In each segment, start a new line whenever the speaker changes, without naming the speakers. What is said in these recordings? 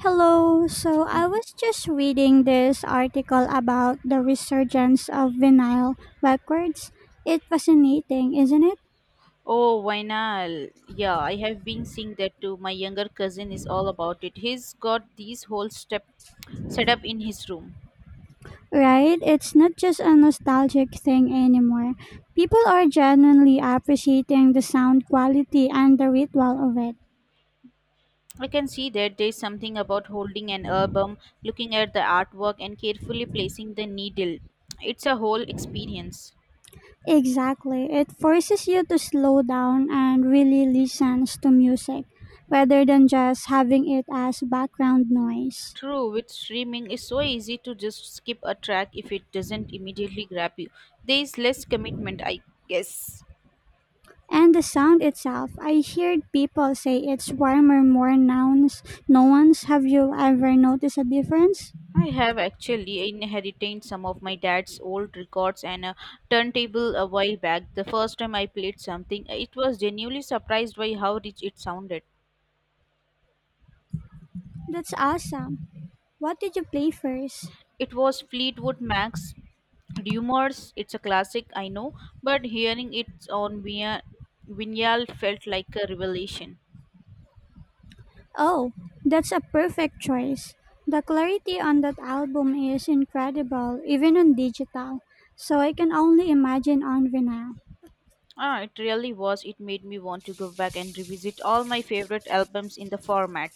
Hello. So I was just reading this article about the resurgence of vinyl records. It's fascinating, isn't it?
Oh, vinyl. Yeah, I have been seeing that too. My younger cousin is all about it. He's got these whole step set up in his room.
Right? It's not just a nostalgic thing anymore. People are genuinely appreciating the sound quality and the ritual of it.
I can see that there's something about holding an album, looking at the artwork, and carefully placing the needle. It's a whole experience.
Exactly. It forces you to slow down and really listen to music rather than just having it as background noise.
True, with streaming, it's so easy to just skip a track if it doesn't immediately grab you. There is less commitment, I guess.
And the sound itself, I heard people say it's warmer, more nouns, no ones. Have you ever noticed a difference?
I have actually inherited some of my dad's old records and a turntable a while back. The first time I played something, it was genuinely surprised by how rich it sounded.
That's awesome. What did you play first?
It was Fleetwood Mac's Rumors. It's a classic, I know, but hearing it on via vinyl felt like a revelation.
Oh, that's a perfect choice. The clarity on that album is incredible, even on digital, so I can only imagine on vinyl.
Ah, it really was. It made me want to go back and revisit all my favorite albums in the format.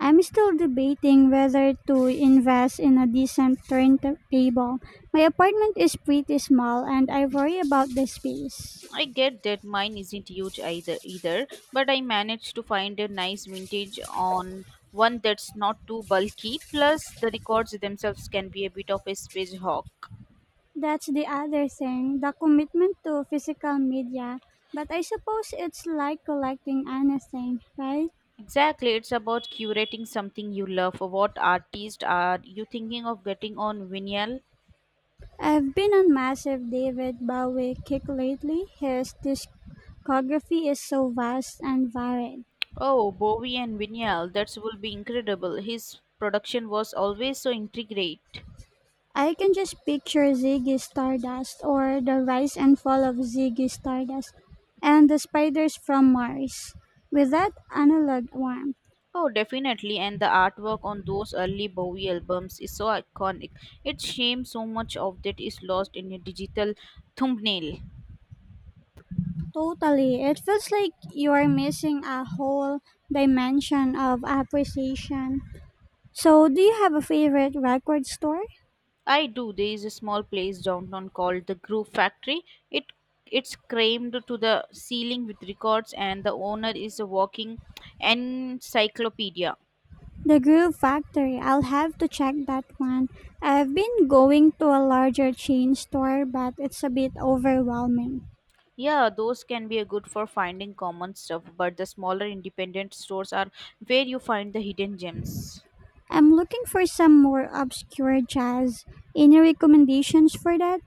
I'm still debating whether to invest in a decent turntable. My apartment is pretty small and I worry about the space.
I get that mine isn't huge either, but I managed to find a nice vintage on one that's not too bulky. Plus the records themselves can be a bit of a space hawk.
That's the other thing, the commitment to physical media. But I suppose it's like collecting anything, right?
Exactly, it's about curating something you love. What artist are you thinking of getting on vinyl?
I've been on massive David Bowie kick lately. His discography is so vast and varied.
Oh, Bowie and vinyl, that will be incredible. His production was always so intricate.
I can just picture Ziggy Stardust, or the rise and fall of Ziggy Stardust and the spiders from Mars, with that analog warmth.
Oh, definitely. And the artwork on those early Bowie albums is so iconic. It's shame so much of that is lost in a digital thumbnail.
Totally. It feels like you are missing a whole dimension of appreciation. So, do you have a favorite record store?
I do. There is a small place downtown called the Groove Factory. It it's crammed to the ceiling with records, and the owner is a walking encyclopedia.
The Groove Factory. I'll have to check that one. I've been going to a larger chain store, but it's a bit overwhelming.
Yeah, those can be a good for finding common stuff, but the smaller independent stores are where you find the hidden gems.
I'm looking for some more obscure jazz. Any recommendations for that?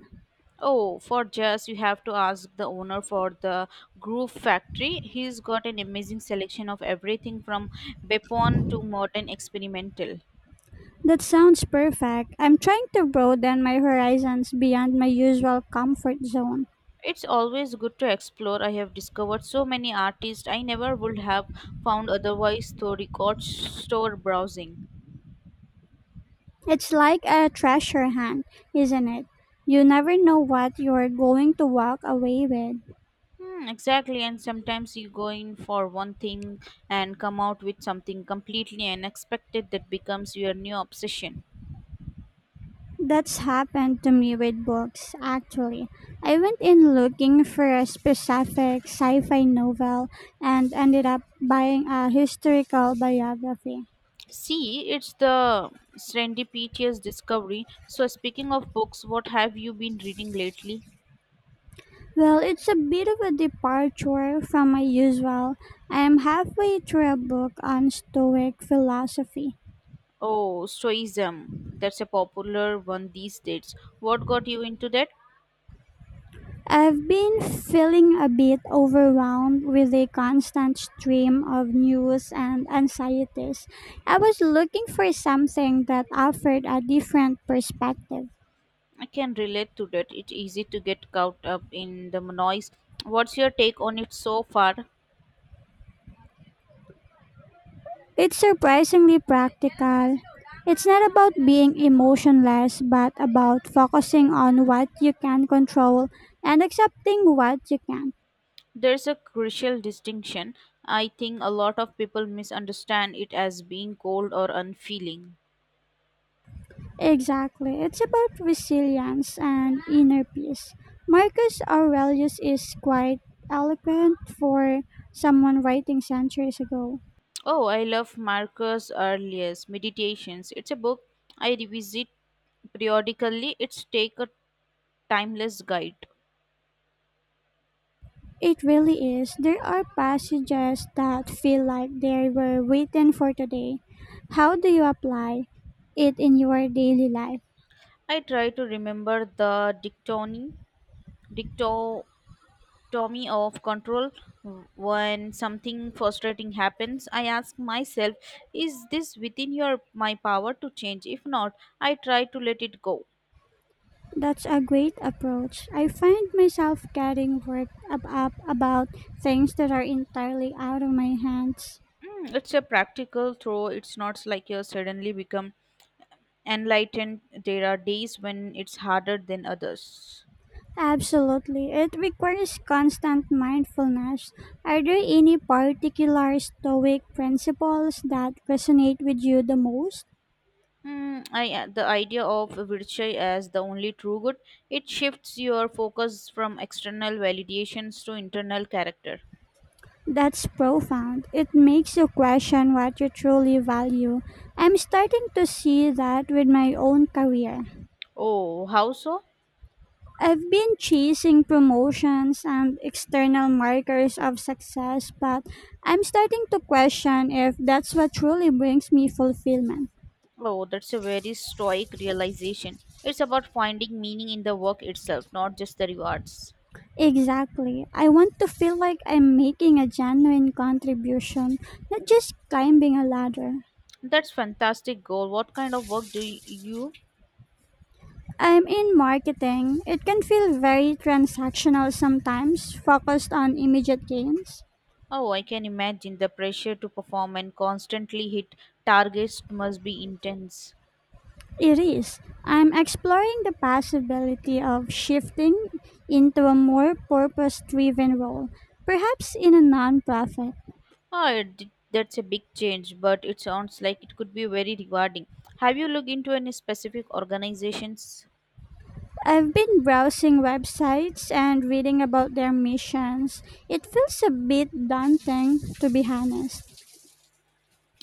Oh, for just you have to ask the owner for the Groove Factory. He's got an amazing selection of everything from Bepon to modern experimental.
That sounds perfect. I'm trying to broaden my horizons beyond my usual comfort zone.
It's always good to explore. I have discovered so many artists I never would have found otherwise through record store browsing.
It's like a treasure hunt, isn't it? You never know what you're going to walk away with.
Hmm, exactly, and sometimes you go in for one thing and come out with something completely unexpected that becomes your new obsession.
That's happened to me with books, actually. I went in looking for a specific sci fi novel and ended up buying a historical biography.
See, it's the serendipitous discovery. So, speaking of books, what have you been reading lately?
Well, it's a bit of a departure from my usual. I am halfway through a book on Stoic philosophy.
Oh, Stoicism. That's a popular one these days. What got you into that?
I've been feeling a bit overwhelmed with the constant stream of news and anxieties. I was looking for something that offered a different perspective.
I can relate to that. It's easy to get caught up in the noise. What's your take on it so far?
It's surprisingly practical. It's not about being emotionless, but about focusing on what you can control and accepting what you can't.
There's a crucial distinction. I think a lot of people misunderstand it as being cold or unfeeling.
Exactly. It's about resilience and inner peace. Marcus Aurelius is quite eloquent for someone writing centuries ago.
Oh, I love Marcus Aurelius' Meditations. It's a book I revisit periodically. It's take a timeless guide.
It really is. There are passages that feel like they were written for today. How do you apply it in your daily life?
I try to remember the dictotomy of control when something frustrating happens. I ask myself, is this within your my power to change? If not, I try to let it go.
That's a great approach. I find myself getting worked up about things that are entirely out of my hands.
Mm, it's a practical throw. It's not like you suddenly become enlightened. There are days when it's harder than others.
Absolutely. It requires constant mindfulness. Are there any particular Stoic principles that resonate with you the most?
The idea of virtue as the only true good, it shifts your focus from external validations to internal character.
That's profound. It makes you question what you truly value. I'm starting to see that with my own career.
Oh, how so?
I've been chasing promotions and external markers of success, but I'm starting to question if that's what truly brings me fulfillment.
Oh, that's a very stoic realization. It's about finding meaning in the work itself, not just the rewards.
Exactly. I want to feel like I'm making a genuine contribution, not just climbing a ladder.
That's fantastic goal. What kind of work do you.
I'm in marketing. It can feel very transactional sometimes, focused on immediate gains.
Oh, I can imagine the pressure to perform and constantly hit targets must be intense.
It is. I'm exploring the possibility of shifting into a more purpose driven role, perhaps in a nonprofit.
Oh, that's a big change, but it sounds like it could be very rewarding. Have you looked into any specific organizations?
I've been browsing websites and reading about their missions. It feels a bit daunting, to be honest.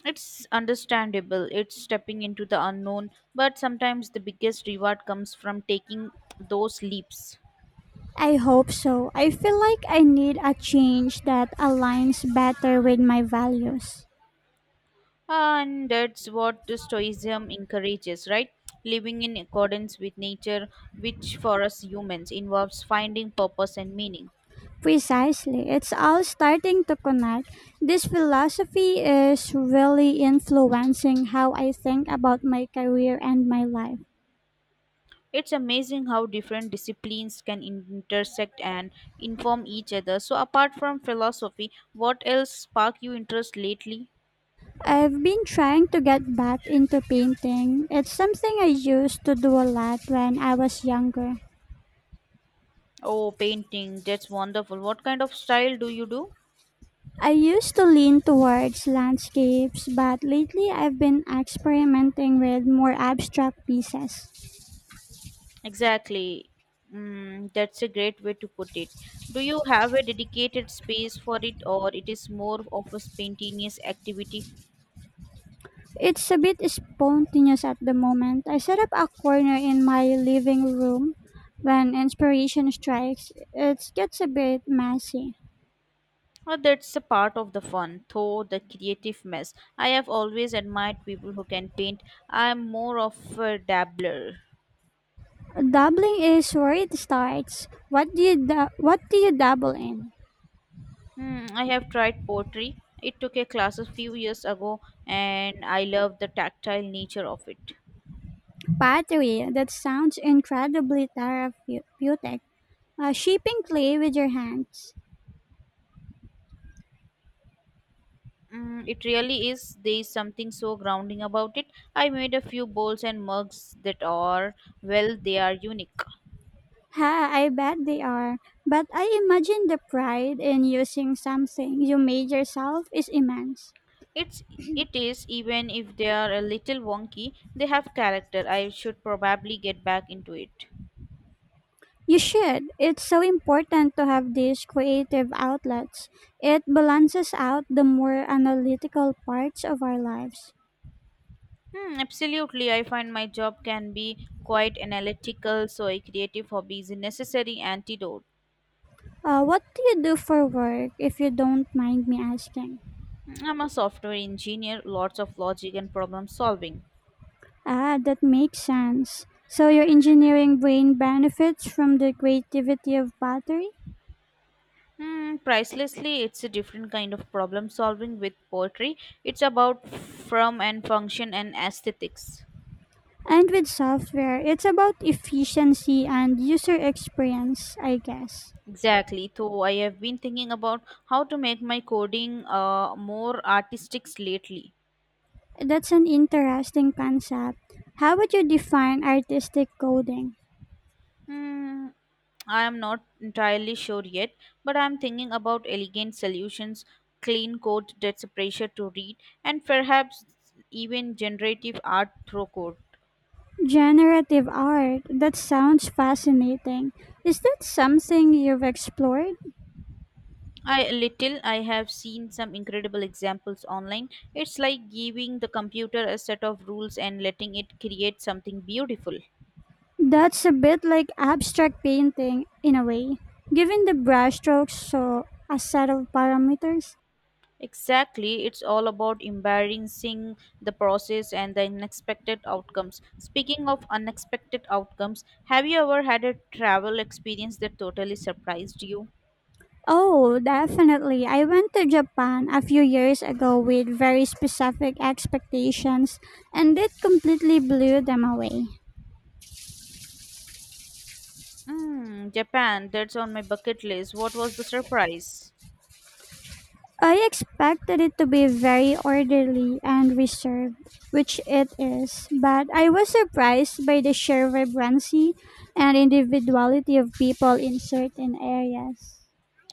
It's understandable, it's stepping into the unknown, but sometimes the biggest reward comes from taking those leaps.
I hope so. I feel like I need a change that aligns better with my values.
And that's what the Stoicism encourages, right? Living in accordance with nature, which for us humans involves finding purpose and meaning.
Precisely. It's all starting to connect. This philosophy is really influencing how I think about my career and my life.
It's amazing how different disciplines can intersect and inform each other. So, apart from philosophy, what else sparked your interest lately?
I've been trying to get back into painting. It's something I used to do a lot when I was younger.
Oh, painting. That's wonderful. What kind of style do you do?
I used to lean towards landscapes, but lately I've been experimenting with more abstract pieces.
Exactly. Mm, that's a great way to put it. Do you have a dedicated space for it, or it is more of a spontaneous activity?
It's a bit spontaneous at the moment. I set up a corner in my living room when inspiration strikes. It gets a bit messy.
Well, that's a part of the fun, though the creative mess. I have always admired people who can paint. I'm more of a dabbler.
Dabbling is where it starts. What do you what do you dabble in?
I have tried pottery. It took a class a few years ago and I love the tactile nature of it.
Pottery, that sounds incredibly therapeutic. Shaping clay with your hands.
Mm, it really is. There is something so grounding about it. I made a few bowls and mugs that are, well, they are unique.
Ha, I bet they are. But I imagine the pride in using something you made yourself is immense.
It's it is even if they are a little wonky, they have character. I should probably get back into it.
You should. It's so important to have these creative outlets. It balances out the more analytical parts of our lives.
Hmm, absolutely. I find my job can be quite analytical, so a creative hobby is a necessary antidote.
What do you do for work, if you don't mind me asking?
I'm a software engineer, lots of logic and problem solving.
Ah, that makes sense. So your engineering brain benefits from the creativity of battery?
Hmm, pricelessly, it's a different kind of problem solving with poetry. It's about form and function and aesthetics.
And with software, it's about efficiency and user experience, I guess.
Exactly. So I have been thinking about how to make my coding more artistic lately.
That's an interesting concept. How would you define artistic coding?
Hmm, I am not entirely sure yet, but I'm thinking about elegant solutions, clean code that's a pleasure to read, and perhaps even generative art through code.
Generative art, that sounds fascinating. Is that something you've explored?
I have seen some incredible examples online. It's like giving the computer a set of rules and letting it create something beautiful.
That's a bit like abstract painting in a way, giving the brushstrokes so a set of parameters.
Exactly, it's all about embarrassing the process and the unexpected outcomes. Speaking of unexpected outcomes, have you ever had a travel experience that totally surprised you?
Oh, definitely. I went to Japan a few years ago with very specific expectations and it completely blew them away.
Mm, Japan, that's on my bucket list. What was the surprise?
I expected it to be very orderly and reserved, which it is, but I was surprised by the sheer vibrancy and individuality of people in certain areas.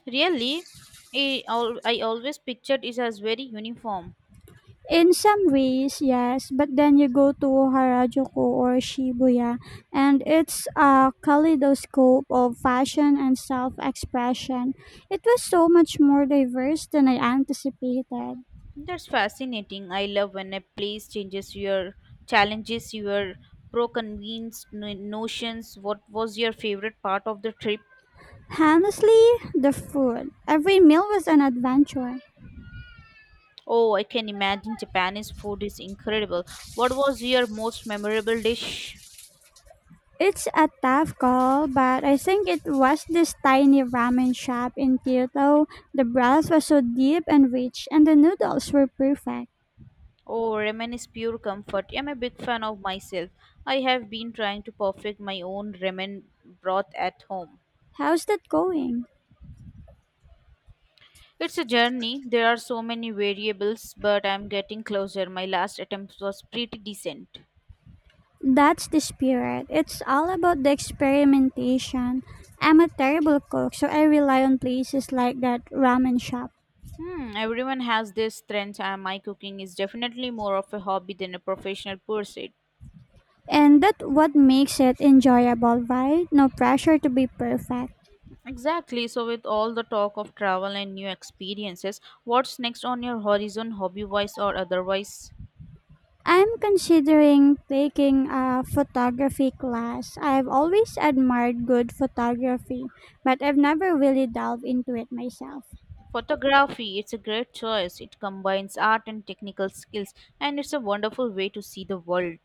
Really? I always pictured it as very uniform.
In some ways, yes, but then you go to Harajuku or Shibuya, and it's a kaleidoscope of fashion and self expression. It was so much more diverse than I anticipated.
That's fascinating. I love when a place changes your challenges your pro-convinced no- notions. What was your favorite part of the trip?
Honestly, the food. Every meal was an adventure.
Oh, I can imagine Japanese food is incredible. What was your most memorable dish?
It's a tough call, but I think it was this tiny ramen shop in Kyoto. The broth was so deep and rich, and the noodles were perfect.
Oh, ramen is pure comfort. I'm a big fan of myself. I have been trying to perfect my own ramen broth at home.
How's that going?
It's a journey. There are so many variables, but I'm getting closer. My last attempt was pretty decent.
That's the spirit. It's all about the experimentation. I'm a terrible cook, so I rely on places like that ramen shop.
Hmm, everyone has their strengths, and my cooking is definitely more of a hobby than a professional pursuit.
And that what makes it enjoyable, right? No pressure to be perfect.
Exactly. So, with all the talk of travel and new experiences, what's next on your horizon, hobby wise or otherwise?
I'm considering taking a photography class. I've always admired good photography, but I've never really delved into it myself.
Photography, it's a great choice. It combines art and technical skills, and it's a wonderful way to see the world.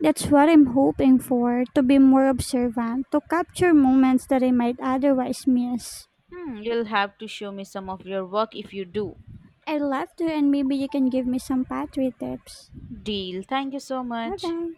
That's what I'm hoping for, to be more observant, to capture moments that I might otherwise miss.
Hmm, you'll have to show me some of your work if you do.
I'd love to, and maybe you can give me some pottery tips.
Deal. Thank you so
Bye
much.
bye.